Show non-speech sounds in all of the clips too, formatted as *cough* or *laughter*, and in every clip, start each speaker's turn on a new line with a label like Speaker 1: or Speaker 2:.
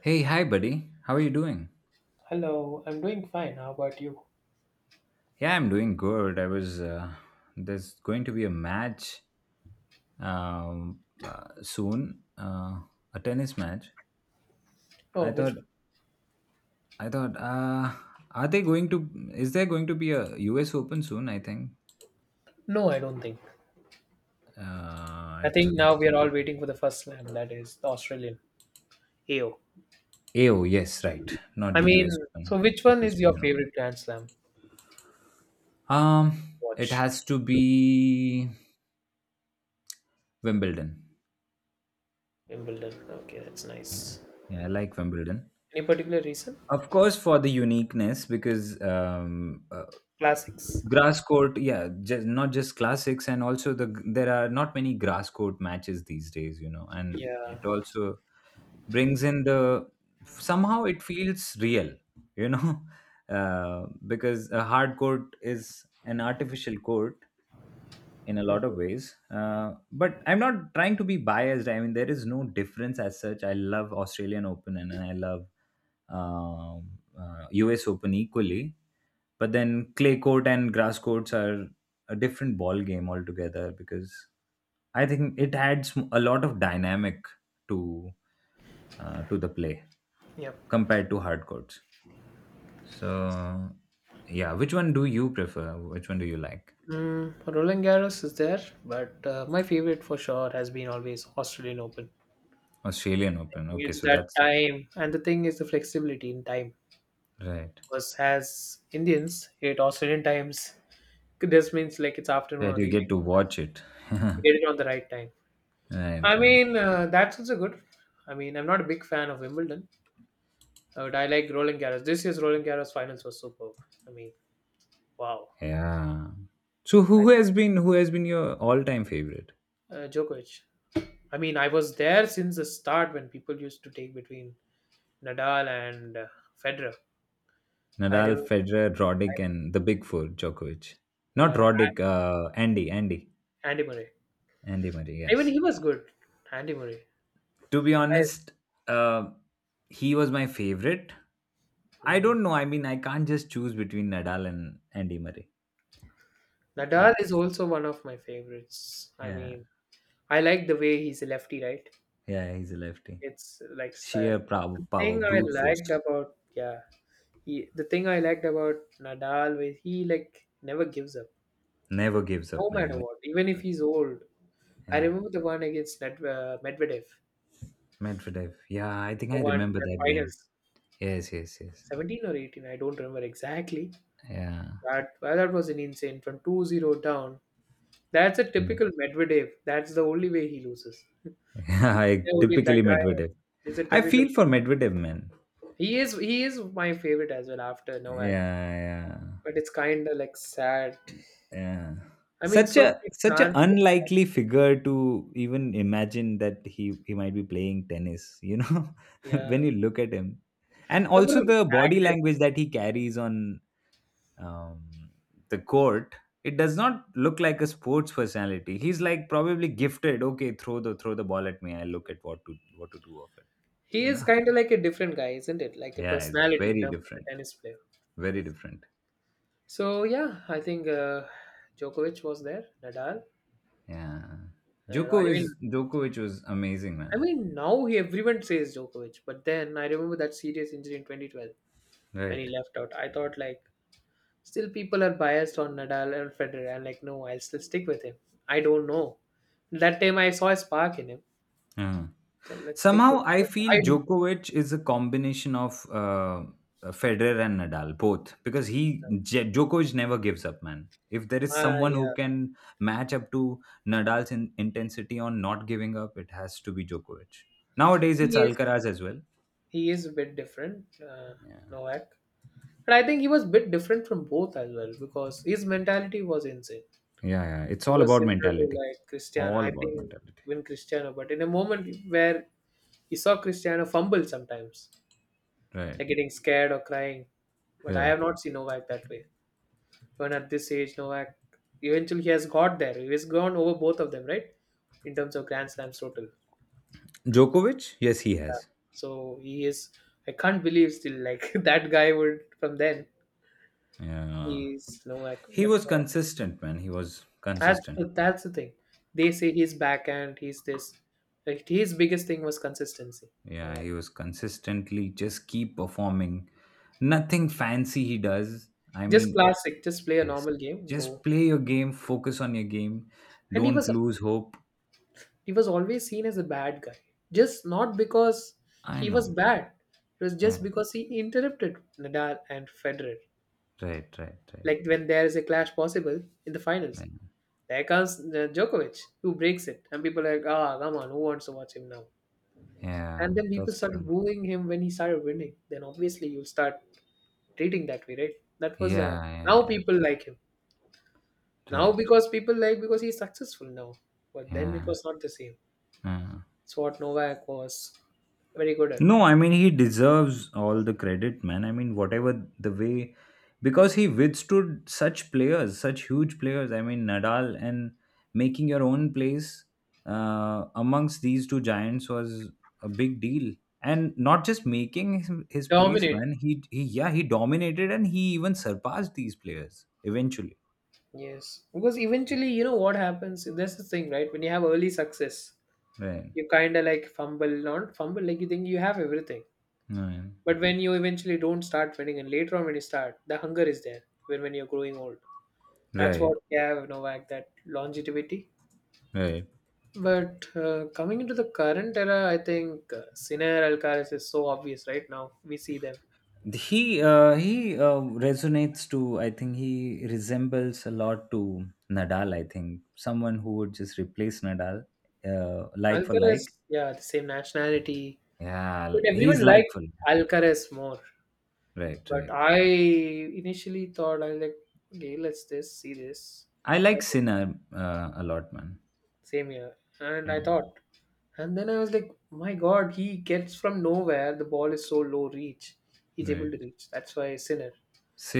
Speaker 1: Hey, hi, buddy. How are you doing?
Speaker 2: Hello, I'm doing fine. How about you?
Speaker 1: Yeah, I'm doing good. There's going to be a match um, soon, a tennis match. I
Speaker 2: Oh,
Speaker 1: thought,
Speaker 2: which one?
Speaker 1: I thought, are they going to, is there going to be a US Open soon? I think.
Speaker 2: No, I don't think. I think
Speaker 1: When
Speaker 2: now
Speaker 1: does
Speaker 2: we are
Speaker 1: it
Speaker 2: all
Speaker 1: happen?
Speaker 2: waiting for the first slam, that is the Australian AO.
Speaker 1: AO, yes, right. Not
Speaker 2: I
Speaker 1: the
Speaker 2: mean,
Speaker 1: US
Speaker 2: so
Speaker 1: Open.
Speaker 2: which one
Speaker 1: It's
Speaker 2: is your
Speaker 1: Australian Open.
Speaker 2: favorite Grand Slam
Speaker 1: Um, it
Speaker 2: watch?
Speaker 1: has to be Wimbledon.
Speaker 2: Wimbledon. Okay, that's
Speaker 1: Yeah,
Speaker 2: nice.
Speaker 1: yeah, I like Wimbledon.
Speaker 2: Any particular reason?
Speaker 1: Of course, for the uniqueness, because
Speaker 2: Classics.
Speaker 1: grass court, yeah, just, not just classics, and also there are not many grass court matches these days, you know, and it
Speaker 2: Yeah.
Speaker 1: also brings in the somehow it feels real, you know, *laughs* because a hard court is an artificial court, in a
Speaker 2: *laughs*
Speaker 1: lot of
Speaker 2: Mhm.
Speaker 1: ways. But I'm not trying to be biased. I mean, there is no difference as such. I love Australian Open and I love um, US Open equally. But then clay court and grass courts are a different ball game altogether because I think it adds a lot of dynamic to the play
Speaker 2: Yep.
Speaker 1: compared to hard courts. So yeah, which one do you prefer? Which one do you like?
Speaker 2: Roland Garros is there, but my favorite for sure has been always Australian Open.
Speaker 1: Australian Open. Okay,
Speaker 2: It's
Speaker 1: so
Speaker 2: that
Speaker 1: that's
Speaker 2: time, and the thing is the flexibility in time.
Speaker 1: right.
Speaker 2: Because as Indians, it Australian times, this means like it's afternoon
Speaker 1: That
Speaker 2: or
Speaker 1: you
Speaker 2: evening.
Speaker 1: get to watch it. *laughs*
Speaker 2: You
Speaker 1: Right,
Speaker 2: get it on the right time.
Speaker 1: right.
Speaker 2: That's also good. I mean, I'm not a big fan of Wimbledon, but I like Roland Garros. This year's Roland Garros finals was superb. I mean, wow.
Speaker 1: Yeah. So
Speaker 2: I,
Speaker 1: who has been your all-time favorite?
Speaker 2: Djokovic. I mean, I was there since the start when people used to take between Nadal and Federer. I
Speaker 1: Nadal,
Speaker 2: remember,
Speaker 1: Federer, Roddick, and the Big Four, Djokovic. Not
Speaker 2: yeah,
Speaker 1: Roddick, Andy,
Speaker 2: Andy Murray.
Speaker 1: Andy Murray.
Speaker 2: Even
Speaker 1: Yes.
Speaker 2: he was good, Andy Murray.
Speaker 1: To be
Speaker 2: I,
Speaker 1: honest, uh, he was my favorite. I
Speaker 2: mm.
Speaker 1: don't know. I mean, I can't just choose between Nadal and Andy Murray.
Speaker 2: Nadal is
Speaker 1: That's
Speaker 2: also one of my favorites. I
Speaker 1: Yeah,
Speaker 2: mean, I like the way he's a lefty, right?
Speaker 1: yeah. He's a lefty.
Speaker 2: It's like style.
Speaker 1: Sheer power,
Speaker 2: The
Speaker 1: power,
Speaker 2: thing I
Speaker 1: brute force.
Speaker 2: liked about yeah, the thing I liked about Nadal was he like never gives up,
Speaker 1: Never gives
Speaker 2: no
Speaker 1: up, man.
Speaker 2: matter
Speaker 1: Never
Speaker 2: what, even
Speaker 1: gives
Speaker 2: if
Speaker 1: up.
Speaker 2: he's old. I
Speaker 1: Yeah.
Speaker 2: remember the one against Medvedev,
Speaker 1: Medvedev. Yeah, I think I remember
Speaker 2: the
Speaker 1: that game.
Speaker 2: finals,
Speaker 1: Yes, yes, yes.
Speaker 2: 17 or 18, I don't remember exactly.
Speaker 1: Yeah.
Speaker 2: That was an insane from 2-0 down. That's a typical Medvedev. That's the only way he loses.
Speaker 1: Yeah, *laughs* I
Speaker 2: The only that
Speaker 1: typically
Speaker 2: guy
Speaker 1: Medvedev.
Speaker 2: is a
Speaker 1: I
Speaker 2: typical.
Speaker 1: feel for Medvedev, man.
Speaker 2: He is my favorite as well after
Speaker 1: Yeah,
Speaker 2: Novak,
Speaker 1: yeah,
Speaker 2: but it's kind of like sad.
Speaker 1: yeah.
Speaker 2: I mean,
Speaker 1: Such
Speaker 2: so
Speaker 1: a
Speaker 2: many
Speaker 1: such a
Speaker 2: chances.
Speaker 1: unlikely figure to even imagine that he might be playing tennis. You know, *laughs*
Speaker 2: Yeah.
Speaker 1: when you look at him, and
Speaker 2: Number
Speaker 1: also
Speaker 2: of
Speaker 1: the body
Speaker 2: practice.
Speaker 1: language that he carries on um, the court. It does not look like a sports personality. He's like probably gifted. Okay, throw the ball at me. I look at what to do of it
Speaker 2: He
Speaker 1: you
Speaker 2: is
Speaker 1: know
Speaker 2: kind of like a different guy, isn't it? Like a
Speaker 1: yeah, it's
Speaker 2: personality in
Speaker 1: very
Speaker 2: terms of the
Speaker 1: different,
Speaker 2: tennis player.
Speaker 1: very different.
Speaker 2: So yeah, I think Djokovic was there. Nadal.
Speaker 1: Yeah,
Speaker 2: Uh, I
Speaker 1: joko
Speaker 2: mean,
Speaker 1: is Djokovic was amazing,
Speaker 2: I
Speaker 1: man.
Speaker 2: mean now everyone says Djokovic, but then I remember that serious injury in 2012 when he
Speaker 1: Right,
Speaker 2: left out. I thought like still people are biased on Nadal and Federer. I'm like, no, I'll still stick with him. I don't know. That time I saw a spark in him,
Speaker 1: yeah.
Speaker 2: so let's stick with.
Speaker 1: Somehow, I feel Djokovic is a combination of Federer and Nadal, both, because Djokovic never gives up, man. If there is someone who
Speaker 2: Yeah,
Speaker 1: can match up to Nadal's intensity on not giving up, it has to be Djokovic. Nowadays, it's
Speaker 2: he is.
Speaker 1: Alcaraz as well.
Speaker 2: He is a bit different,
Speaker 1: Yeah,
Speaker 2: Novak. And I think he was a bit different from both as well because his mentality was insane.
Speaker 1: yeah, yeah. It's
Speaker 2: He
Speaker 1: all
Speaker 2: was
Speaker 1: about
Speaker 2: similar to
Speaker 1: mentality.
Speaker 2: like Cristiano.
Speaker 1: All
Speaker 2: I
Speaker 1: about
Speaker 2: think
Speaker 1: mentality.
Speaker 2: when Cristiano, but In a moment where he saw Cristiano fumble sometimes,
Speaker 1: Right,
Speaker 2: like getting scared or crying. But I
Speaker 1: right.
Speaker 2: have not seen Novak that way. Even at this age, Novak eventually he has got there. He has gone over both of them, right? In terms of Grand Slams total.
Speaker 1: Djokovic, yes, he has.
Speaker 2: So he is I can't believe still like *laughs* that guy would from then.
Speaker 1: Yeah,
Speaker 2: He's no like,
Speaker 1: he
Speaker 2: but
Speaker 1: was consistent, man. He was
Speaker 2: that's
Speaker 1: consistent.
Speaker 2: the, That's the thing. They say he's backhand. He's this. Like his biggest thing was consistency. No
Speaker 1: Yeah,
Speaker 2: like,
Speaker 1: he was consistently just keep performing. Nothing fancy he does. I
Speaker 2: Just
Speaker 1: mean,
Speaker 2: classic. Just play a
Speaker 1: yes,
Speaker 2: normal game,
Speaker 1: just
Speaker 2: go.
Speaker 1: play your game, focus on your game,
Speaker 2: And
Speaker 1: don't lose hope.
Speaker 2: he was always seen as a bad guy. Just not because
Speaker 1: I
Speaker 2: he was
Speaker 1: know.
Speaker 2: bad. It was just
Speaker 1: Yeah,
Speaker 2: because he interrupted Nadal and Federer.
Speaker 1: right, right, right.
Speaker 2: Like when there is a clash possible in the finals,
Speaker 1: Right.
Speaker 2: there comes Djokovic who breaks it, and people are like, ah, come on, who wants to watch him now?
Speaker 1: Yeah,
Speaker 2: And then people
Speaker 1: that's true.
Speaker 2: started booing him when he started winning. Then obviously you'll start treating that way, right? That was
Speaker 1: Yeah, yeah,
Speaker 2: Now
Speaker 1: yeah.
Speaker 2: people like him. Now
Speaker 1: Right.
Speaker 2: because people like because he's successful now. But then it
Speaker 1: Yeah.
Speaker 2: was not the same.
Speaker 1: Yeah.
Speaker 2: It's what Novak was very good at.
Speaker 1: No, I mean he deserves all the credit, man. I mean whatever the way, because he withstood such players, such huge players. I mean Nadal, and making your own place amongst these two giants was a big deal, and not just making his place,
Speaker 2: Dominate.
Speaker 1: man. He, yeah, he dominated and he even surpassed these players eventually.
Speaker 2: Yes. Because eventually, you know what happens? That's the thing, right? When you have early success,
Speaker 1: Right,
Speaker 2: you kinda like fumble, not fumble, like you think you have everything.
Speaker 1: right,
Speaker 2: But when you eventually don't start winning and later on when you start, the hunger is there when you're growing old. That's
Speaker 1: right,
Speaker 2: what we have, Novak, that longevity.
Speaker 1: right.
Speaker 2: But coming into the current era, I think Sinner Alcaraz is so obvious right now. We see them.
Speaker 1: He resonates to. I think he resembles a lot to Nadal. I think someone who would just replace Nadal, like for like.
Speaker 2: Alcaraz, yeah, the same nationality.
Speaker 1: Yeah,
Speaker 2: But
Speaker 1: he's
Speaker 2: everyone
Speaker 1: like
Speaker 2: likes
Speaker 1: for like.
Speaker 2: Alcaraz more.
Speaker 1: Right,
Speaker 2: But
Speaker 1: right.
Speaker 2: I initially thought, I was like, okay, see this.
Speaker 1: I like
Speaker 2: Like,
Speaker 1: Sinner a lot, man.
Speaker 2: same here. And I
Speaker 1: Yeah,
Speaker 2: thought, and then I was like, my God, he gets from nowhere. The ball is so low reach. He's able
Speaker 1: right.
Speaker 2: to reach. That's why Sinner.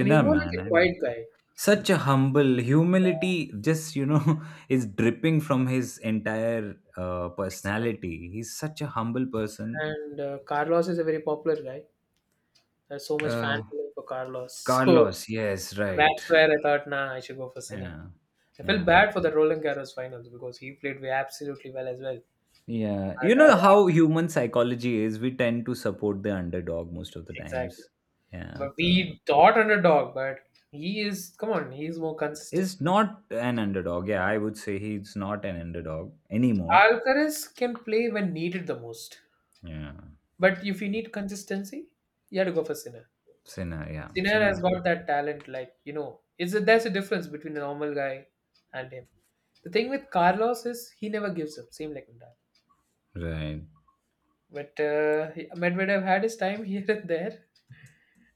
Speaker 2: And he's more like
Speaker 1: man.
Speaker 2: a
Speaker 1: I'm
Speaker 2: quiet guy.
Speaker 1: such a humble humility. Just, you know, *laughs* is dripping from his entire
Speaker 2: Exactly.
Speaker 1: personality. He's such a humble person.
Speaker 2: And Carlos is a very popular guy. There's so much fan
Speaker 1: Uh,
Speaker 2: following for Carlos. *laughs*
Speaker 1: Carlos, yes,
Speaker 2: So
Speaker 1: right.
Speaker 2: that's where I thought, nah, I should go for Sinha.
Speaker 1: Yeah.
Speaker 2: I felt
Speaker 1: Yeah.
Speaker 2: bad for the Roland Garros finals because he played way absolutely well as well.
Speaker 1: Yeah. You
Speaker 2: But, uh,
Speaker 1: know how human psychology is. We tend to support the underdog most of the
Speaker 2: exactly.
Speaker 1: times.
Speaker 2: But
Speaker 1: And
Speaker 2: we thought underdog, but he is, come on, he is more consistent.
Speaker 1: is not an underdog. Yeah, I would say he's not an underdog anymore.
Speaker 2: Alcaraz can play when needed the most.
Speaker 1: Yeah.
Speaker 2: But if you need consistency, you have to go for Sinha.
Speaker 1: Sinner. Yeah.
Speaker 2: Sinner
Speaker 1: Sinner
Speaker 2: has
Speaker 1: is
Speaker 2: got that talent, like you know, there's a difference between a normal guy and him. The thing with Carlos is he never gives up, same like Nadal.
Speaker 1: right.
Speaker 2: But Medvedev had his time *laughs* here and there.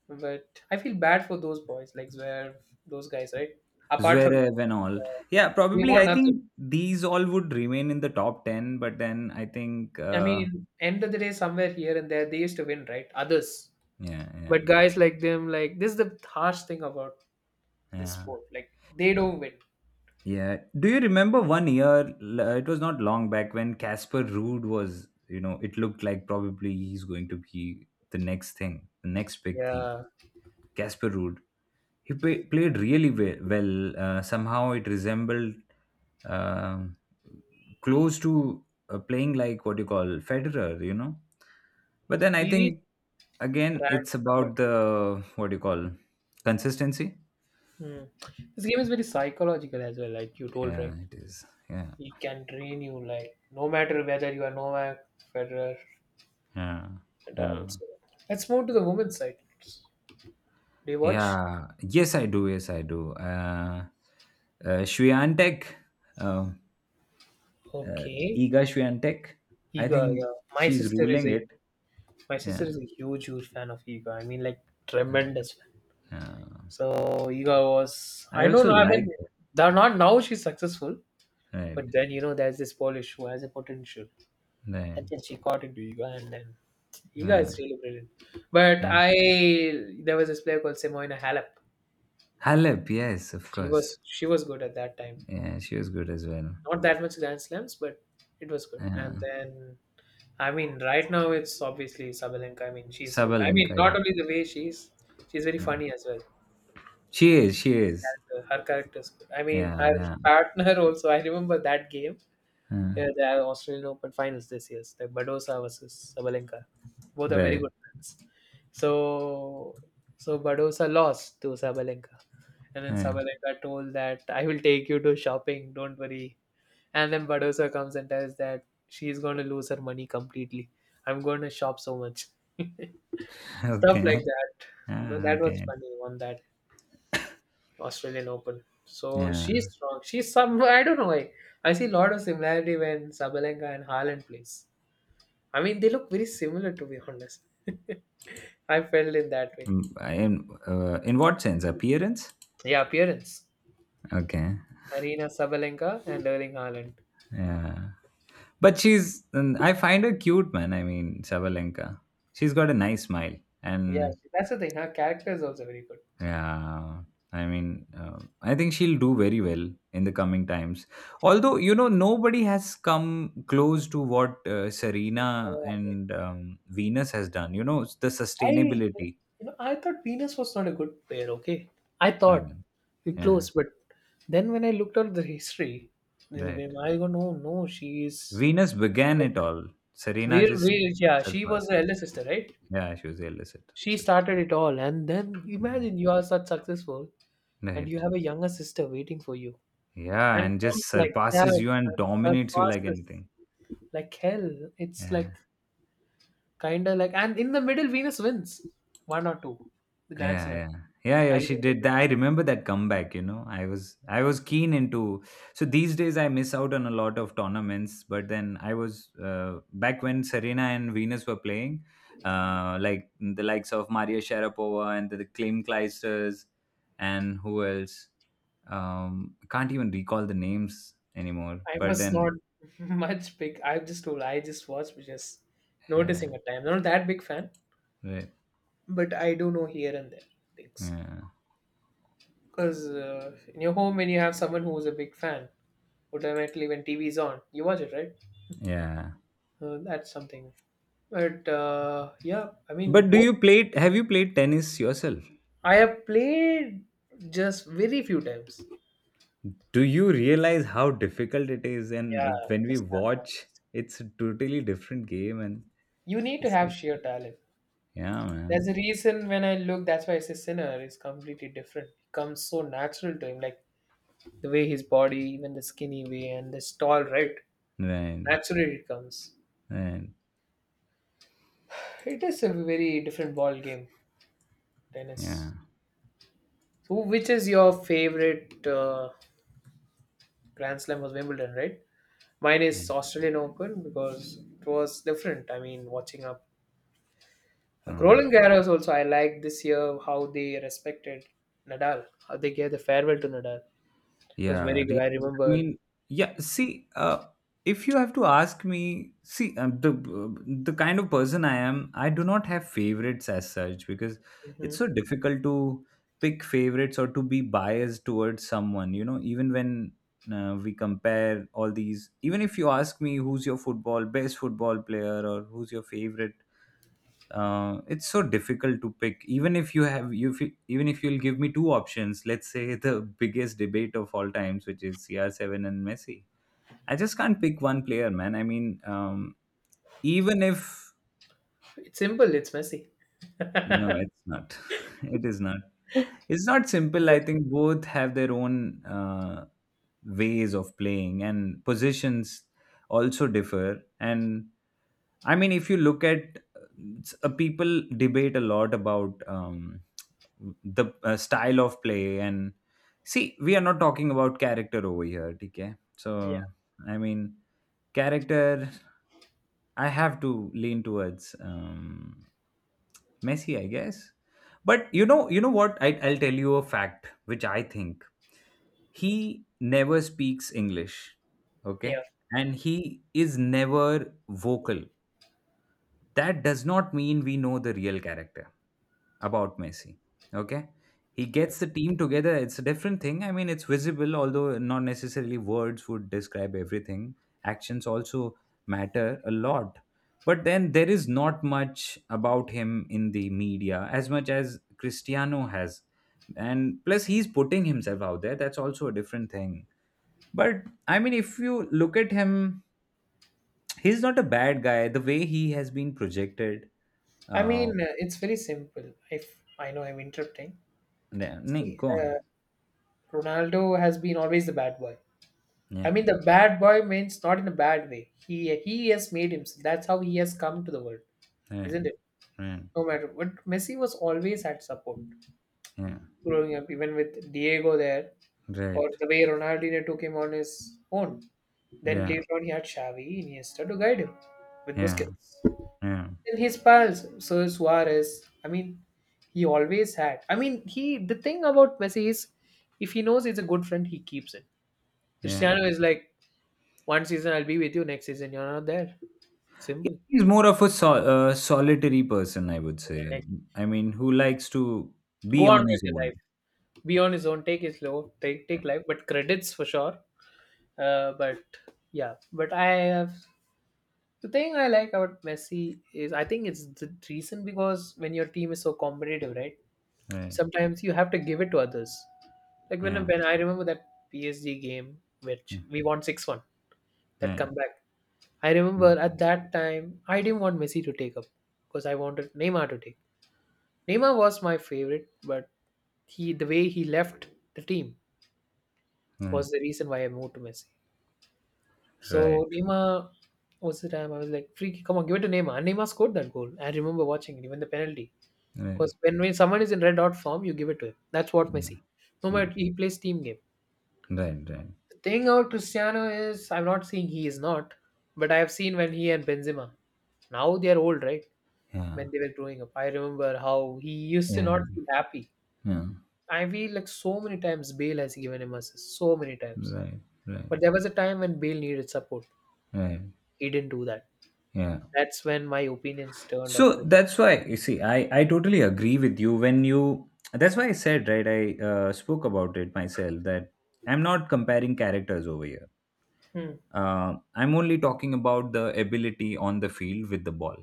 Speaker 2: But I feel bad for those boys, like Zverev, those guys, right? Apart from,
Speaker 1: Zverev and all. Yeah,
Speaker 2: they
Speaker 1: probably.
Speaker 2: want
Speaker 1: I
Speaker 2: nothing.
Speaker 1: think these all would remain in the top 10, but then I think,
Speaker 2: I mean, end of the day, somewhere here and there, they used to win, right? Others,
Speaker 1: yeah, yeah,
Speaker 2: but guys like them, like this is the harsh thing about this
Speaker 1: yeah.
Speaker 2: sport. Like they don't win.
Speaker 1: Yeah. Do you remember one year? It was not long back when Casper Ruud was, it looked like probably he's going to be the next thing, the next big thing.
Speaker 2: Yeah,
Speaker 1: Casper Ruud. He played really well. Somehow it resembled um close to playing like what you call Federer. But then I
Speaker 2: he reached
Speaker 1: think again
Speaker 2: rank
Speaker 1: it's
Speaker 2: number
Speaker 1: about
Speaker 2: two.
Speaker 1: the what do you call consistency.
Speaker 2: Hmm. This game is very psychological as well, like you told, right?
Speaker 1: Yeah, it is. Yeah,
Speaker 2: It can drain you, like no matter whether you are Novak, Federer,
Speaker 1: yeah, yeah.
Speaker 2: Nadal. So let's move to the women's side. They watch.
Speaker 1: Yeah, yes, I do. Yes, I do. Uh, Swiatek, um, uh,
Speaker 2: Okay,
Speaker 1: Iga Swiatek, I
Speaker 2: Iga.
Speaker 1: think
Speaker 2: Yeah, my
Speaker 1: she's
Speaker 2: sister is
Speaker 1: ruling
Speaker 2: a
Speaker 1: it.
Speaker 2: my sister
Speaker 1: Yeah,
Speaker 2: is a huge huge fan of Iga. I mean, like
Speaker 1: uh,
Speaker 2: tremendous fan.
Speaker 1: uh,
Speaker 2: So Iga was.
Speaker 1: I
Speaker 2: I don't
Speaker 1: also
Speaker 2: know. I mean,
Speaker 1: like her.
Speaker 2: they're not now. She's successful,
Speaker 1: Right,
Speaker 2: but then you know there's this Polish who has a potential,
Speaker 1: right.
Speaker 2: and then she got into Iga, and then you
Speaker 1: Uh,
Speaker 2: guys really brilliant. But
Speaker 1: yeah.
Speaker 2: I There was this player called Simona Halep.
Speaker 1: Halep, yes, of course.
Speaker 2: She was good at that time.
Speaker 1: Yeah, she was good as well.
Speaker 2: Not that much Grand Slams, but it was good. And
Speaker 1: Yeah.
Speaker 2: then I mean right now it's obviously Sabalenka. I mean she's good. I mean
Speaker 1: Sabalenka,
Speaker 2: not
Speaker 1: yeah.
Speaker 2: only the way she's very
Speaker 1: Yeah.
Speaker 2: funny as well.
Speaker 1: She is, she is.
Speaker 2: Her character's good. I mean her
Speaker 1: Yeah, yeah.
Speaker 2: partner *laughs* also. I remember that game.
Speaker 1: Uh,
Speaker 2: Yeah, the Australian Open finals this year, the Badosa versus Sabalenka. Both are very
Speaker 1: right,
Speaker 2: good friends. So, so Badosa lost to Sabalenka, and then
Speaker 1: right.
Speaker 2: Sabalenka told that I will take you to shopping. Don't worry. And then Badosa comes and tells that she's going to lose her money completely. I'm going to shop so much.
Speaker 1: *laughs*
Speaker 2: Stuff like
Speaker 1: Okay.
Speaker 2: that. But
Speaker 1: Ah,
Speaker 2: that was
Speaker 1: okay.
Speaker 2: funny on that Australian Open. So
Speaker 1: Yeah.
Speaker 2: she's strong. She's some. I don't know why. I see a lot of similarity when Sabalenka and Haaland plays. I mean, they look very similar to be honest. *laughs* I felt in that way.
Speaker 1: Mm, in what sense? Appearance?
Speaker 2: Yeah, appearance.
Speaker 1: Okay.
Speaker 2: Arena Sabalenka and Erling Haaland.
Speaker 1: Yeah, but she's, and I find her cute, man. I mean, Sabalenka, she's got a nice smile,
Speaker 2: Yeah,
Speaker 1: and
Speaker 2: that's the thing. Her character is also very good.
Speaker 1: yeah, I mean, I think she'll do very well in the coming times, although nobody has come close to what Serena
Speaker 2: Oh my
Speaker 1: and
Speaker 2: God.
Speaker 1: Venus has done, the
Speaker 2: You
Speaker 1: sustainability.
Speaker 2: know, I thought Venus was not a good player. Okay, I thought
Speaker 1: Right,
Speaker 2: We
Speaker 1: yeah.
Speaker 2: close, but then when I looked at the history, I
Speaker 1: Right.
Speaker 2: go, no, no, she is
Speaker 1: Venus began it
Speaker 2: better.
Speaker 1: all. Serena just
Speaker 2: Yeah, she was
Speaker 1: surpassed.
Speaker 2: the elder sister, right?
Speaker 1: Yeah, she was the elder
Speaker 2: She
Speaker 1: sister.
Speaker 2: started it all, and then
Speaker 1: Mhm.
Speaker 2: imagine you are such successful, and you
Speaker 1: Right.
Speaker 2: have a younger sister waiting for you
Speaker 1: Yeah,
Speaker 2: and it
Speaker 1: and just
Speaker 2: comes like that
Speaker 1: surpasses you and
Speaker 2: and
Speaker 1: dominates you like
Speaker 2: surpasses
Speaker 1: anything.
Speaker 2: like hell. It's
Speaker 1: Yeah.
Speaker 2: like kind of like, and in the middle Venus wins one or two the Grand
Speaker 1: Yeah,
Speaker 2: Slam.
Speaker 1: yeah. Yeah, yeah,
Speaker 2: i
Speaker 1: she did that. I remember that comeback. I was keen into, so these days I miss out on a lot of tournaments, but then I was back when Serena and Venus were playing, like the likes of Maria Sharapova and the Klim Kleisters, and who else? I can't even recall the names anymore.
Speaker 2: i
Speaker 1: But
Speaker 2: was
Speaker 1: then
Speaker 2: not *laughs* much big. I just was just noticing
Speaker 1: yeah.
Speaker 2: at times. Not that big fan,
Speaker 1: Right.
Speaker 2: but I do know here and there things,
Speaker 1: Yeah.
Speaker 2: because in your home when you have someone who's a big fan, automatically when TV is on you watch it, right?
Speaker 1: Yeah.
Speaker 2: That's something. But yeah, I mean,
Speaker 1: But do
Speaker 2: both.
Speaker 1: you play? Have you played tennis yourself?
Speaker 2: I have played just very few times.
Speaker 1: Do you realize how difficult it is? And
Speaker 2: Yeah,
Speaker 1: when we
Speaker 2: just stamina.
Speaker 1: watch, it's a totally different game, and
Speaker 2: You need to
Speaker 1: it's
Speaker 2: have
Speaker 1: like,
Speaker 2: sheer talent.
Speaker 1: yeah,
Speaker 2: There's
Speaker 1: man,
Speaker 2: a reason when I look, that's why I say Sinner is completely different. It comes so natural to him, like the way his body, even the skinny way, and this tall, right?
Speaker 1: right,
Speaker 2: Naturally, it comes.
Speaker 1: right,
Speaker 2: It is a very different ball game,
Speaker 1: yeah,
Speaker 2: tennis. So, which is your favorite Grand Slam was Wimbledon, right? Mine
Speaker 1: yeah.
Speaker 2: is Australian Open because it was different. I mean, watching up
Speaker 1: Mm.
Speaker 2: Roland Garros also. I liked this year how they respected Nadal, how they gave the farewell to Nadal. It was
Speaker 1: Yeah,
Speaker 2: very good. I
Speaker 1: I
Speaker 2: remember.
Speaker 1: mean, yeah. See, if you have to ask me, see, the kind of person I am, I do not have favorites as such, because
Speaker 2: Hmm.
Speaker 1: it's so difficult to pick favorites or to be biased towards someone. You know, even when we compare all these, even if you ask me who's your football best football player or who's your favorite, it's so difficult to pick. Even if you have you if you- Even if you'll give me two options, let's say, *laughs* the biggest debate of all times, which is CR7 and Messi, I just can't pick one player, man. I mean, even if,
Speaker 2: It's simple. It's messy.
Speaker 1: no,
Speaker 2: *laughs*
Speaker 1: it's not. *laughs* it is not it's not simple. I
Speaker 2: Good.
Speaker 1: think both have their own ways of playing, and positions also differ. And I mean, if you look at people debate a lot about the style of play, and see, we are not talking about character over here, okay? So
Speaker 2: Yeah,
Speaker 1: I mean, character, I have to lean towards Messi, I guess. But you know what, I'll tell you a fact, which I think, he never speaks English,
Speaker 2: yeah.
Speaker 1: okay, and he is never vocal. That does not mean we know the real character about Messi. Okay. He
Speaker 2: Mm.
Speaker 1: gets the team together. It's a different thing. I mean, it's visible, although not necessarily words would describe everything. Actions also matter a lot. But then there is not much about him in the media as much as Cristiano has. And plus, he's putting himself out there. That's also a different thing. But I mean, if you look at him, he's not a bad guy. The way he has been projected, uh,
Speaker 2: It's very simple. If I know I'm interrupting.
Speaker 1: yeah, nee,
Speaker 2: See,
Speaker 1: go on.
Speaker 2: Ronaldo has been always the bad boy. I
Speaker 1: Yeah,
Speaker 2: mean, the bad boy means not in a bad way. He has made him. That's how he has come to the world,
Speaker 1: yeah,
Speaker 2: isn't it?
Speaker 1: yeah,
Speaker 2: No matter, but Messi was always had support
Speaker 1: yeah,
Speaker 2: growing up, even with Diego there, or
Speaker 1: right.
Speaker 2: the way Ronaldinho took him on his own. Then
Speaker 1: Yeah,
Speaker 2: later on he had Xavi, Iniesta to guide him with
Speaker 1: yeah,
Speaker 2: Busquets.
Speaker 1: yeah,
Speaker 2: Then his pals, Sir Suarez. He always had. He the thing about Messi is if he knows he's a good friend, he keeps it.
Speaker 1: yeah.
Speaker 2: Cristiano is like one season I'll be with you, next season you're not there. Simple.
Speaker 1: He's more of a solitary person, I would
Speaker 2: Yeah,
Speaker 1: say.
Speaker 2: like
Speaker 1: I mean, who likes to
Speaker 2: go
Speaker 1: be
Speaker 2: on
Speaker 1: on
Speaker 2: with
Speaker 1: his
Speaker 2: your life.
Speaker 1: own.
Speaker 2: Be on his own, take his low, take life, but credits for sure. Uh, but yeah, but I have the thing I like about Messi is I think it's the reason because when your team is so competitive, right?
Speaker 1: Right.
Speaker 2: Sometimes you have to give it to others. Like when
Speaker 1: Yeah.
Speaker 2: when I remember that PSG game, which
Speaker 1: mm,
Speaker 2: we won 6-1, that
Speaker 1: Right.
Speaker 2: comeback. I
Speaker 1: Yeah.
Speaker 2: remember at that time I didn't want Messi to take up because I wanted Neymar to take. Neymar was my favorite, but he the way he left the team
Speaker 1: Right.
Speaker 2: was the reason why I moved to Messi.
Speaker 1: Right.
Speaker 2: So Neema, what's the time? I was like, "Free kick, come on, give it to Neymar." And Neema scored that goal. I remember watching it, even the penalty.
Speaker 1: Right.
Speaker 2: Because when someone is in red dot form, you give it to him. That's what
Speaker 1: Yeah.
Speaker 2: Messi. No
Speaker 1: Yeah.
Speaker 2: matter, he plays team game.
Speaker 1: Right. Right.
Speaker 2: The thing about Cristiano is, I'm not saying he is not, but I have seen when he and Benzema, now they are old, right?
Speaker 1: Yeah.
Speaker 2: When they were growing up, I remember how he used to
Speaker 1: Yeah.
Speaker 2: not feel happy.
Speaker 1: Yeah.
Speaker 2: I feel like so many times Bale has given him assists, so many times.
Speaker 1: Right. Right.
Speaker 2: But there was a time when Bale needed support.
Speaker 1: Right.
Speaker 2: He didn't do that.
Speaker 1: Yeah.
Speaker 2: That's when my opinions turned off.
Speaker 1: So that's why you see, I totally agree with you when you. That's why I said right. I spoke about it myself, that I'm not comparing characters over here. I'm only talking about the ability on the field with the ball.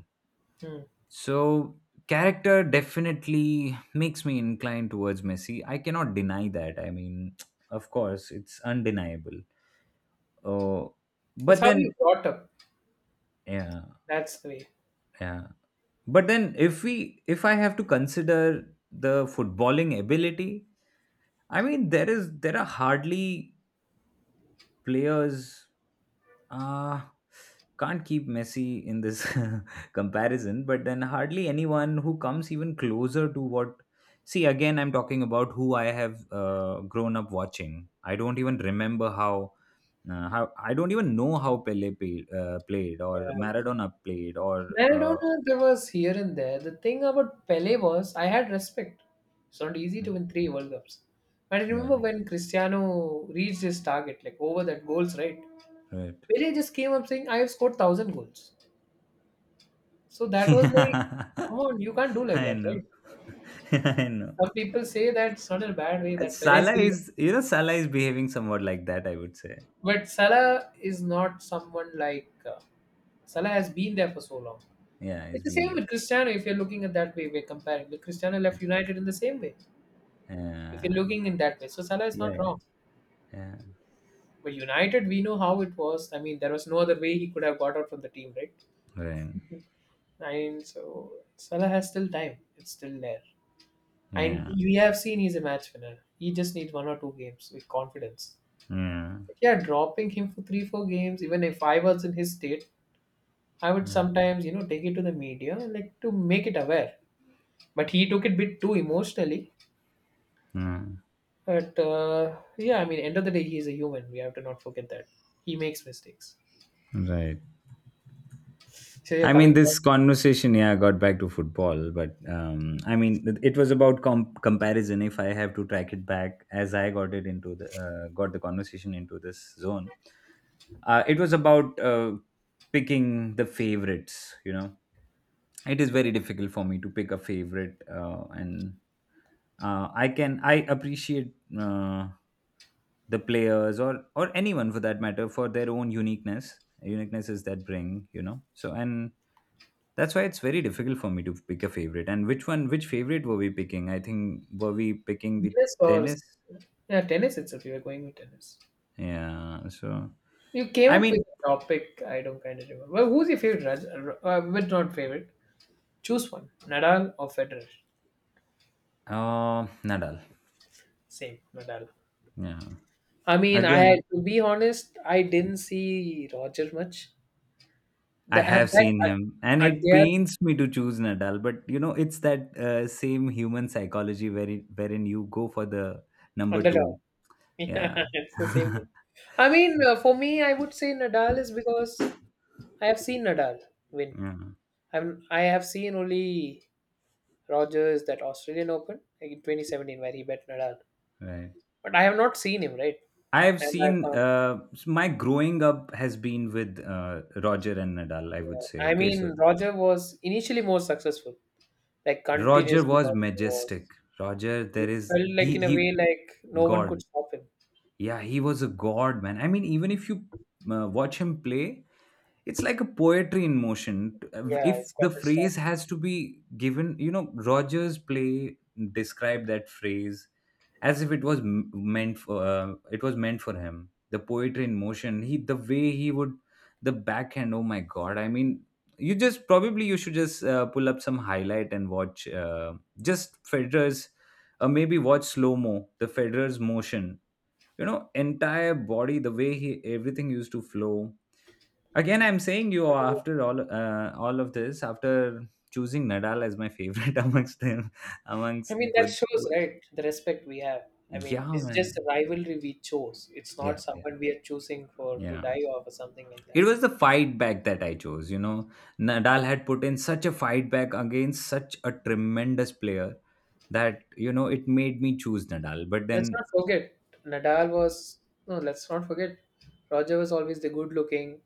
Speaker 2: Hmm. Hmm.
Speaker 1: So character definitely makes me inclined towards Messi. I cannot deny that. I mean, *tsk* of course, it's undeniable. Oh,
Speaker 2: It's
Speaker 1: but
Speaker 2: how you
Speaker 1: then
Speaker 2: brought up.
Speaker 1: yeah,
Speaker 2: That's the way.
Speaker 1: yeah. But then if I have to consider the footballing ability, I mean there are hardly players, uh can't keep Messi in this *laughs* comparison, but then hardly anyone who comes even closer to what, see, again I'm talking about who I have grown up watching. I don't even remember how I don't even know how Pele played or
Speaker 2: Yeah.
Speaker 1: Maradona played or
Speaker 2: Maradona, there was here and there. The thing about Pele was I had respect. It's not easy to win 3 World Cups. And I
Speaker 1: yeah,
Speaker 2: remember when Cristiano reached his target, like over that goals, right?
Speaker 1: right.
Speaker 2: Pele just came up saying, "I have scored 1,000 goals." So
Speaker 1: *laughs*
Speaker 2: that was like,
Speaker 1: I
Speaker 2: come on, you can't do like that,
Speaker 1: know.
Speaker 2: right?
Speaker 1: *laughs* I know.
Speaker 2: Some people say that's not in a bad way
Speaker 1: And
Speaker 2: that Pele is
Speaker 1: Salah
Speaker 2: still.
Speaker 1: is, Salah is behaving somewhat like that, I would say.
Speaker 2: But Salah is not someone like. Salah has been there for so long.
Speaker 1: Yeah,
Speaker 2: It's
Speaker 1: he's
Speaker 2: the
Speaker 1: been
Speaker 2: same
Speaker 1: there.
Speaker 2: with Cristiano if you're looking at that way, we're comparing. But Cristiano left United in the same way,
Speaker 1: Yeah.
Speaker 2: if you're
Speaker 1: Yeah.
Speaker 2: looking in that way. So Salah is not
Speaker 1: Yeah.
Speaker 2: wrong.
Speaker 1: Yeah.
Speaker 2: But United, we know how it was. I mean, there was no other way he could have got out from the team, right?
Speaker 1: Right.
Speaker 2: And so Salah has still time. It's still there. And
Speaker 1: Yeah.
Speaker 2: you have seen he's a match winner. He just needs one or two games with confidence.
Speaker 1: Yeah.
Speaker 2: But yeah, dropping him for three, four games, even if I was in his state, I would
Speaker 1: Yeah.
Speaker 2: sometimes, you know, take it to the media like to make it aware. But he took it bit too emotionally.
Speaker 1: Yeah.
Speaker 2: But yeah, I mean, end of the day, he is a human. We have to not forget that he makes mistakes.
Speaker 1: Right.
Speaker 2: So you're
Speaker 1: I mean,
Speaker 2: coming back
Speaker 1: this conversation, yeah, got back to football, but I mean, it was about comparison. If I have to track it back, as I got it into the got the conversation into this zone, it was about picking the favorites. You know, it is very difficult for me to pick a favorite, and I can I appreciate the players or anyone for that matter for their own uniquenesses that bring, you know. So and That's why it's very difficult for me to pick a favorite. And which one, which favorite were we picking? I think were we picking
Speaker 2: to
Speaker 1: the
Speaker 2: tennis or
Speaker 1: tennis.
Speaker 2: yeah, tennis itself. You were going with tennis.
Speaker 1: Yeah,
Speaker 2: You came
Speaker 1: i
Speaker 2: up with
Speaker 1: mean
Speaker 2: a topic. I don't kind of remember. Well, who's your favorite? But not favorite. Choose one. Nadal or Federer.
Speaker 1: uh Nadal.
Speaker 2: Same. Nadal.
Speaker 1: Yeah,
Speaker 2: I mean, I had
Speaker 1: again,
Speaker 2: to be honest. I didn't see Roger much.
Speaker 1: I
Speaker 2: The, at
Speaker 1: have
Speaker 2: that
Speaker 1: seen him, and
Speaker 2: at
Speaker 1: it
Speaker 2: their
Speaker 1: pains me to choose Nadal, but you know, it's that same human psychology wherein you go for the number
Speaker 2: underdog.
Speaker 1: two. Yeah.
Speaker 2: Yeah, *laughs* it's the same thing.
Speaker 1: *laughs*
Speaker 2: For me, I would say Nadal is because I have seen Nadal win.
Speaker 1: Yeah,
Speaker 2: I have seen only Rogers that Australian Open like in 2017 where he bet Nadal,
Speaker 1: right.
Speaker 2: but I have not seen him right.
Speaker 1: I've
Speaker 2: And I
Speaker 1: seen
Speaker 2: found,
Speaker 1: my growing up has been with Roger and Nadal, I would say,
Speaker 2: yeah, I
Speaker 1: okay. So
Speaker 2: mean, Roger was initially more successful. Like
Speaker 1: Roger
Speaker 2: continuously,
Speaker 1: was
Speaker 2: Roger
Speaker 1: majestic.
Speaker 2: was.
Speaker 1: Roger, there
Speaker 2: It
Speaker 1: is
Speaker 2: felt like
Speaker 1: he
Speaker 2: in a
Speaker 1: he
Speaker 2: way like no one
Speaker 1: god.
Speaker 2: could stop him.
Speaker 1: Yeah, he was a god, man. I mean, even if you watch him play, it's like a poetry in motion.
Speaker 2: Yeah,
Speaker 1: If
Speaker 2: it's
Speaker 1: the
Speaker 2: got the
Speaker 1: phrase
Speaker 2: style.
Speaker 1: has to be given, you know, Roger's play described that phrase as if it was meant for it was meant for him. The poetry in motion, he, the way he would, the backhand, oh my god. I mean, you just probably you should just pull up some highlight and watch just Federer's, maybe watch slow mo the Federer's motion, you know, entire body, the way he, everything used to flow. Again, I'm saying you, after all of this, after choosing Nadal as my favorite, *laughs* amongst them,
Speaker 2: I
Speaker 1: amongst
Speaker 2: mean, that
Speaker 1: with,
Speaker 2: shows,
Speaker 1: with-
Speaker 2: right, the respect we have. I mean,
Speaker 1: Yeah,
Speaker 2: it's just a
Speaker 1: man,
Speaker 2: rivalry we chose. It's not
Speaker 1: yeah, yeah,
Speaker 2: someone we are choosing for to
Speaker 1: yeah.
Speaker 2: die off or something like that.
Speaker 1: It was the fight back that I chose. You know, Nadal had put in such a fight back against such a tremendous player that, you know, it made me choose Nadal. But
Speaker 2: Let's not
Speaker 1: then,
Speaker 2: forget, Nadal was, no, let's not forget, Roger was always the good looking,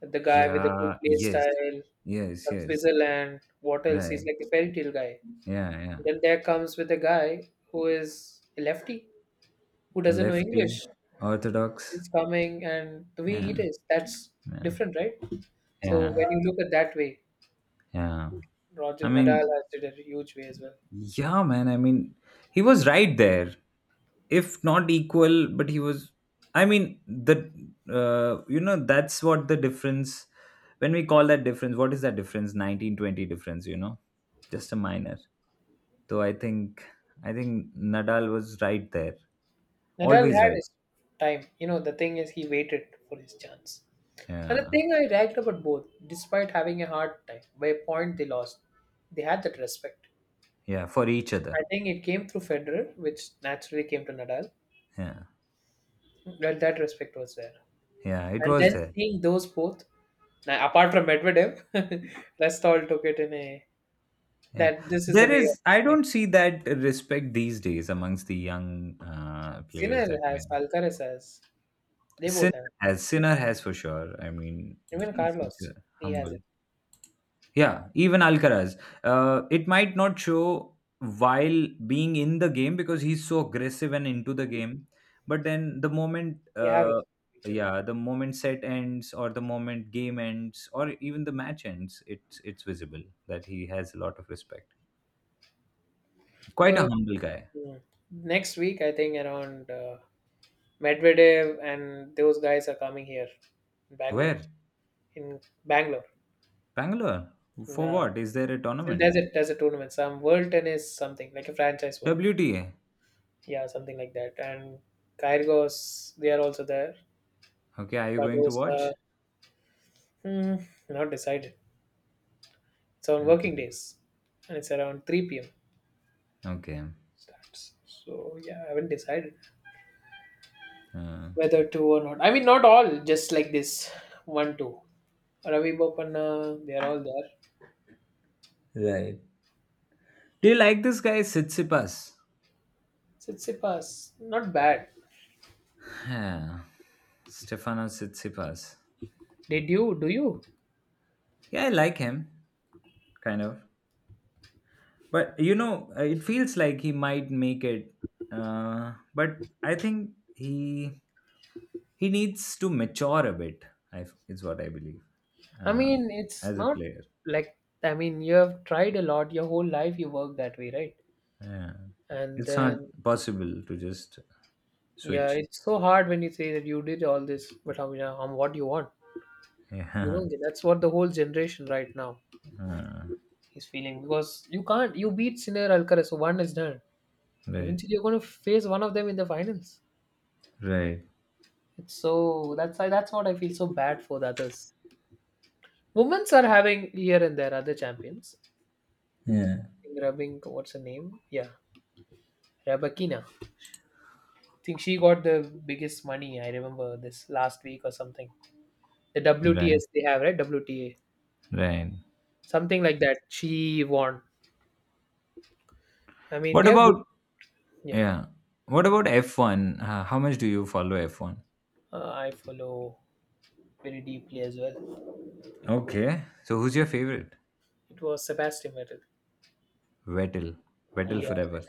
Speaker 2: the guy with the good
Speaker 1: yeah,
Speaker 2: play
Speaker 1: yes,
Speaker 2: style
Speaker 1: yes,
Speaker 2: from
Speaker 1: yes,
Speaker 2: Switzerland. What else? He's
Speaker 1: right,
Speaker 2: like the fairy tale guy.
Speaker 1: yeah, yeah,
Speaker 2: Then there comes with a guy who is a lefty, who
Speaker 1: a
Speaker 2: doesn't know
Speaker 1: lefty,
Speaker 2: English,
Speaker 1: orthodox,
Speaker 2: is coming and the way
Speaker 1: yeah,
Speaker 2: it is. That's
Speaker 1: yeah,
Speaker 2: different, right? So
Speaker 1: yeah,
Speaker 2: when you look at that way,
Speaker 1: yeah.
Speaker 2: Roger
Speaker 1: I
Speaker 2: Nadal
Speaker 1: mean,
Speaker 2: has did a huge way as well.
Speaker 1: yeah, man. I mean, he was right there, if not equal, but he was. I mean, the you know, that's what the difference. When we call that difference, what is that difference? 19-20 difference. You know, just a minor. So I think Nadal was right there,
Speaker 2: Nadal
Speaker 1: always
Speaker 2: had
Speaker 1: right.
Speaker 2: his time. You know, the thing is he waited for his chance. And the
Speaker 1: Yeah,
Speaker 2: thing I liked about both, despite having a hard time, by a point they lost, they had that respect.
Speaker 1: yeah, for each
Speaker 2: I
Speaker 1: other.
Speaker 2: think it came through Federer, which naturally came to Nadal.
Speaker 1: Yeah,
Speaker 2: Well, that respect was there.
Speaker 1: yeah, it
Speaker 2: And
Speaker 1: was
Speaker 2: then
Speaker 1: there.
Speaker 2: seeing those both, now, apart from Medvedev, *laughs* rest all took it in a
Speaker 1: Yeah,
Speaker 2: that this is the
Speaker 1: there
Speaker 2: way of
Speaker 1: is. I
Speaker 2: doing it.
Speaker 1: don't see that respect these days amongst the young players
Speaker 2: Sinner
Speaker 1: that we
Speaker 2: has,
Speaker 1: have.
Speaker 2: Alcaraz has, they both
Speaker 1: Sinner
Speaker 2: have.
Speaker 1: Sinner has for sure. I mean,
Speaker 2: Even
Speaker 1: he's such
Speaker 2: Carlos,
Speaker 1: a
Speaker 2: he has
Speaker 1: humble.
Speaker 2: it.
Speaker 1: Yeah, even Alcaraz. It might not show while being in the game because he's so aggressive and into the game. But then the moment,
Speaker 2: They have respect each other.
Speaker 1: yeah, the moment set ends or the moment game ends or even the match ends, it's visible that he has a lot of respect. Quite a
Speaker 2: So
Speaker 1: humble guy.
Speaker 2: mm, next week, I think around Medvedev and those guys are coming here, in Bangalore,
Speaker 1: Where?
Speaker 2: in Bangalore.
Speaker 1: Bangalore. For
Speaker 2: Yeah.
Speaker 1: what? Is there a
Speaker 2: So
Speaker 1: tournament?
Speaker 2: there's a tournament, some World Tennis something like a franchise one.
Speaker 1: WTA.
Speaker 2: Yeah, something like that. And Kyrgos, they are also there.
Speaker 1: Okay, are you
Speaker 2: But
Speaker 1: going to
Speaker 2: Barbosa,
Speaker 1: watch?
Speaker 2: hmm, not decided. It's on working
Speaker 1: Okay.
Speaker 2: days, and it's around 3 p.m.
Speaker 1: Okay.
Speaker 2: starts. So yeah, I haven't decided
Speaker 1: Uh,
Speaker 2: whether to or not. I mean, not all, just like this one two. Ravi Bopanna, they are all there.
Speaker 1: right. Do you like this guy Sitsipas?
Speaker 2: Tsitsipas, not bad.
Speaker 1: Yeah. Stefanos Tsitsipas.
Speaker 2: Did you? Do you?
Speaker 1: Yeah, I like him, kind of. But you know, it feels like he might make it. But I think he needs to mature a bit. Is what I believe
Speaker 2: I
Speaker 1: uh,
Speaker 2: mean, it's
Speaker 1: as a
Speaker 2: not
Speaker 1: player.
Speaker 2: like I mean, you have tried a lot your whole life. You work that way, right?
Speaker 1: Yeah,
Speaker 2: And
Speaker 1: it's not
Speaker 2: then
Speaker 1: possible to just
Speaker 2: yeah,
Speaker 1: switch. *laughs*
Speaker 2: it's so hard when you say that you did all this, but on what do you want, you
Speaker 1: Yeah,
Speaker 2: know, that's what the whole generation right now
Speaker 1: uh,
Speaker 2: is feeling because you can't. You beat Sinner Alcaraz, so one is done.
Speaker 1: right,
Speaker 2: Eventually, you're going to face one of them in the finals.
Speaker 1: right,
Speaker 2: It's so that's what I feel so bad for the others. Women's are having here and there other champions. I
Speaker 1: yeah.
Speaker 2: think Rubbing, what's her name? Yeah, Rabakina. I think she got the biggest money. I remember this last week or something. The
Speaker 1: Right,
Speaker 2: WTS they have, right? WTA.
Speaker 1: right.
Speaker 2: Something like that. She won. I mean,
Speaker 1: What
Speaker 2: they're good.
Speaker 1: about
Speaker 2: Yeah.
Speaker 1: yeah? What about F one? How much do you follow F one?
Speaker 2: I follow very deeply as well.
Speaker 1: Okay. So who's your favorite?
Speaker 2: It was Sebastian Vettel.
Speaker 1: Vettel. Vettel
Speaker 2: He, uh,
Speaker 1: forever.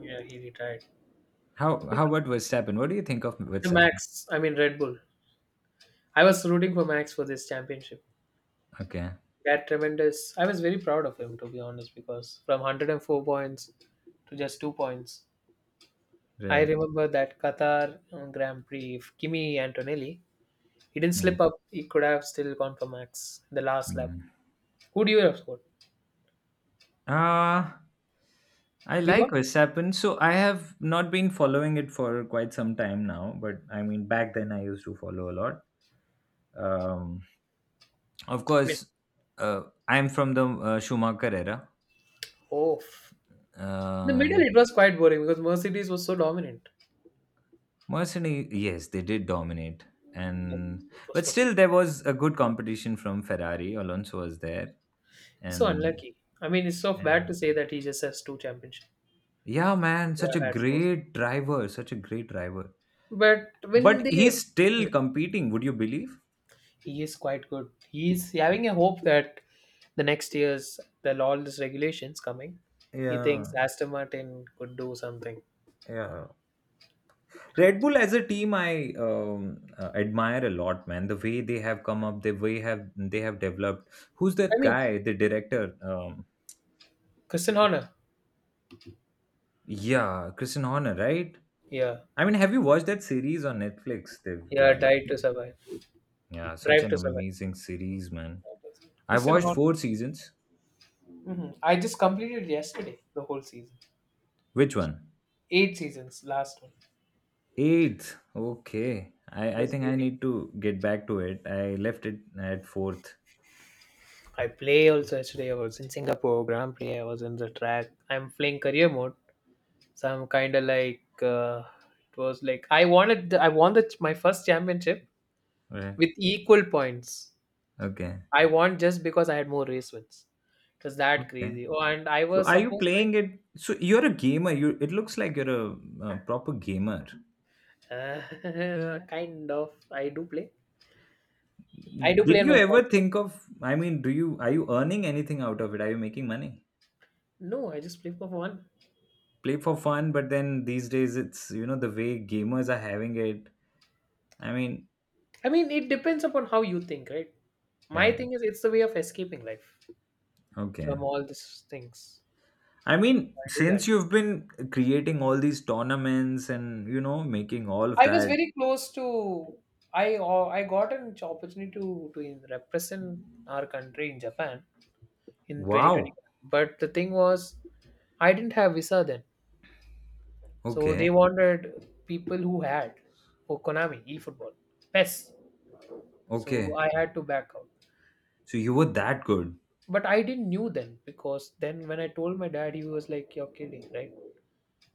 Speaker 2: yeah, he retired. The
Speaker 1: How about Verstappen? What do you think of Verstappen?
Speaker 2: Max, I mean, Red Bull. I was rooting for Max for this championship.
Speaker 1: Okay,
Speaker 2: That tremendous. I was very proud of him to be honest, because from 104 points to just 2 points. I
Speaker 1: right.
Speaker 2: remember that Qatar Grand Prix, if Kimi Antonelli, he didn't
Speaker 1: Yeah.
Speaker 2: slip up. He could have still gone for max in the last lap.
Speaker 1: Yeah.
Speaker 2: Who do you have scored?
Speaker 1: Uh, I
Speaker 2: Do you
Speaker 1: like
Speaker 2: want?
Speaker 1: Verstappen. So I have not been following it for quite some time now, but I mean back then I used to follow a lot. Um, of
Speaker 2: Mid.
Speaker 1: course, uh, I'm from the Schumacher era.
Speaker 2: Oh, f- the middle
Speaker 1: Uh,
Speaker 2: it was quite boring because Mercedes was so dominant.
Speaker 1: Mercenary, yes, they did dominate,
Speaker 2: Like,
Speaker 1: and
Speaker 2: it was
Speaker 1: but
Speaker 2: for he.
Speaker 1: still there was a good competition from Ferrari. Alonso was there,
Speaker 2: He's so
Speaker 1: and,
Speaker 2: unlucky. I mean, it's so bad
Speaker 1: and
Speaker 2: to say that he just has two championships.
Speaker 1: yeah,
Speaker 2: He
Speaker 1: man,
Speaker 2: could
Speaker 1: such a
Speaker 2: have had four.
Speaker 1: great driver, such a great driver.
Speaker 2: But when
Speaker 1: But
Speaker 2: they
Speaker 1: he's still
Speaker 2: hmm,
Speaker 1: competing. Would you believe?
Speaker 2: he is quite good. He's having a hope that the next year's the all these regulations coming, he thinks
Speaker 1: Yeah,
Speaker 2: Aston Martin could do something.
Speaker 1: yeah. Red Bull as a team, I admire a lot, man. The way they have come up, the way have developed. Who's
Speaker 2: I
Speaker 1: that
Speaker 2: mean,
Speaker 1: guy? The director?
Speaker 2: Christian Horner.
Speaker 1: Yeah, Christian Horner, right?
Speaker 2: Yeah,
Speaker 1: I mean, have you watched that series on Netflix? They've
Speaker 2: yeah,
Speaker 1: yeah, such
Speaker 2: drive
Speaker 1: an
Speaker 2: to survive.
Speaker 1: amazing series, man. I've
Speaker 2: Christian
Speaker 1: watched
Speaker 2: Horner.
Speaker 1: four seasons.
Speaker 2: Hmm. I just completed yesterday the whole season,
Speaker 1: Which one?
Speaker 2: 8 seasons, last one.
Speaker 1: Eighth. Okay.
Speaker 2: It
Speaker 1: I
Speaker 2: was
Speaker 1: think I
Speaker 2: really.
Speaker 1: need to get back to it. I left it at fourth.
Speaker 2: I play also yesterday. I was in Singapore Grand Prix. I was in the track. I'm playing career mode. So I'm kind of like it was like I won the, my first championship
Speaker 1: Right.
Speaker 2: with equal points.
Speaker 1: Okay.
Speaker 2: I won just because I had more race wins. It was that
Speaker 1: Okay.
Speaker 2: crazy. Oh, and I
Speaker 1: So
Speaker 2: was
Speaker 1: are you
Speaker 2: supposed like
Speaker 1: playing it? So you're a gamer. You, it looks like you're a, uh, proper gamer.
Speaker 2: *laughs* kind of I do play. I do play
Speaker 1: Did
Speaker 2: in
Speaker 1: you
Speaker 2: my
Speaker 1: ever
Speaker 2: console.
Speaker 1: think of? I mean, do you are you earning anything out of it? Are you making money?
Speaker 2: No, I just play for fun.
Speaker 1: Play for fun, but then these days it's, you know, the way gamers are having it, I mean,
Speaker 2: I mean, it depends upon how you think, right? My
Speaker 1: eh,
Speaker 2: thing is it's the way of escaping life
Speaker 1: okay,
Speaker 2: from all these things.
Speaker 1: I mean,
Speaker 2: I do that.
Speaker 1: since you've been creating all these tournaments, and you know, making all of
Speaker 2: I was
Speaker 1: that,
Speaker 2: very close to I got an opportunity to represent our country in Japan in 2020.
Speaker 1: wow,
Speaker 2: But the thing was, I didn't have visa then, so they
Speaker 1: okay,
Speaker 2: wanted people who had for Konami eFootball PES. So
Speaker 1: okay,
Speaker 2: I had to back out.
Speaker 1: so you were that good,
Speaker 2: But I didn't knew then because then when I told my dad, he was like, "You're kidding, right?"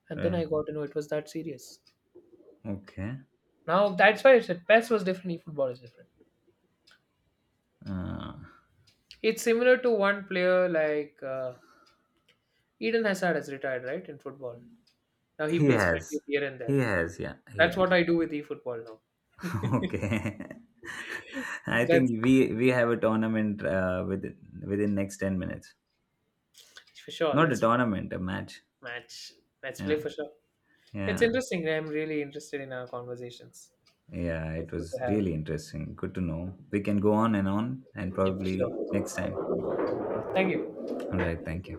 Speaker 2: And then I
Speaker 1: right,
Speaker 2: got to know it was that serious.
Speaker 1: okay,
Speaker 2: Now that's why I said PES was different, eFootball is different.
Speaker 1: uh,
Speaker 2: It's similar to one player like. Eden Hazard has retired, right, in football. Now he
Speaker 1: he
Speaker 2: plays friendlies
Speaker 1: has,
Speaker 2: here and there.
Speaker 1: yeah, he
Speaker 2: That's
Speaker 1: has.
Speaker 2: what I do with eFootball now.
Speaker 1: *laughs* Okay. *laughs* I
Speaker 2: That's
Speaker 1: think we have a tournament, within next 10 minutes.
Speaker 2: for sure.
Speaker 1: Not a
Speaker 2: Let's
Speaker 1: tournament, a match.
Speaker 2: match. Let's play
Speaker 1: Yeah,
Speaker 2: for sure. It's
Speaker 1: yeah.
Speaker 2: interesting. I'm really interested in our conversations.
Speaker 1: Yeah,
Speaker 2: It's
Speaker 1: it
Speaker 2: good to
Speaker 1: was
Speaker 2: have.
Speaker 1: really interesting. Good to know. We can go on, and
Speaker 2: Yeah, for
Speaker 1: probably
Speaker 2: sure.
Speaker 1: next time.
Speaker 2: Thank you.
Speaker 1: All right, thank you.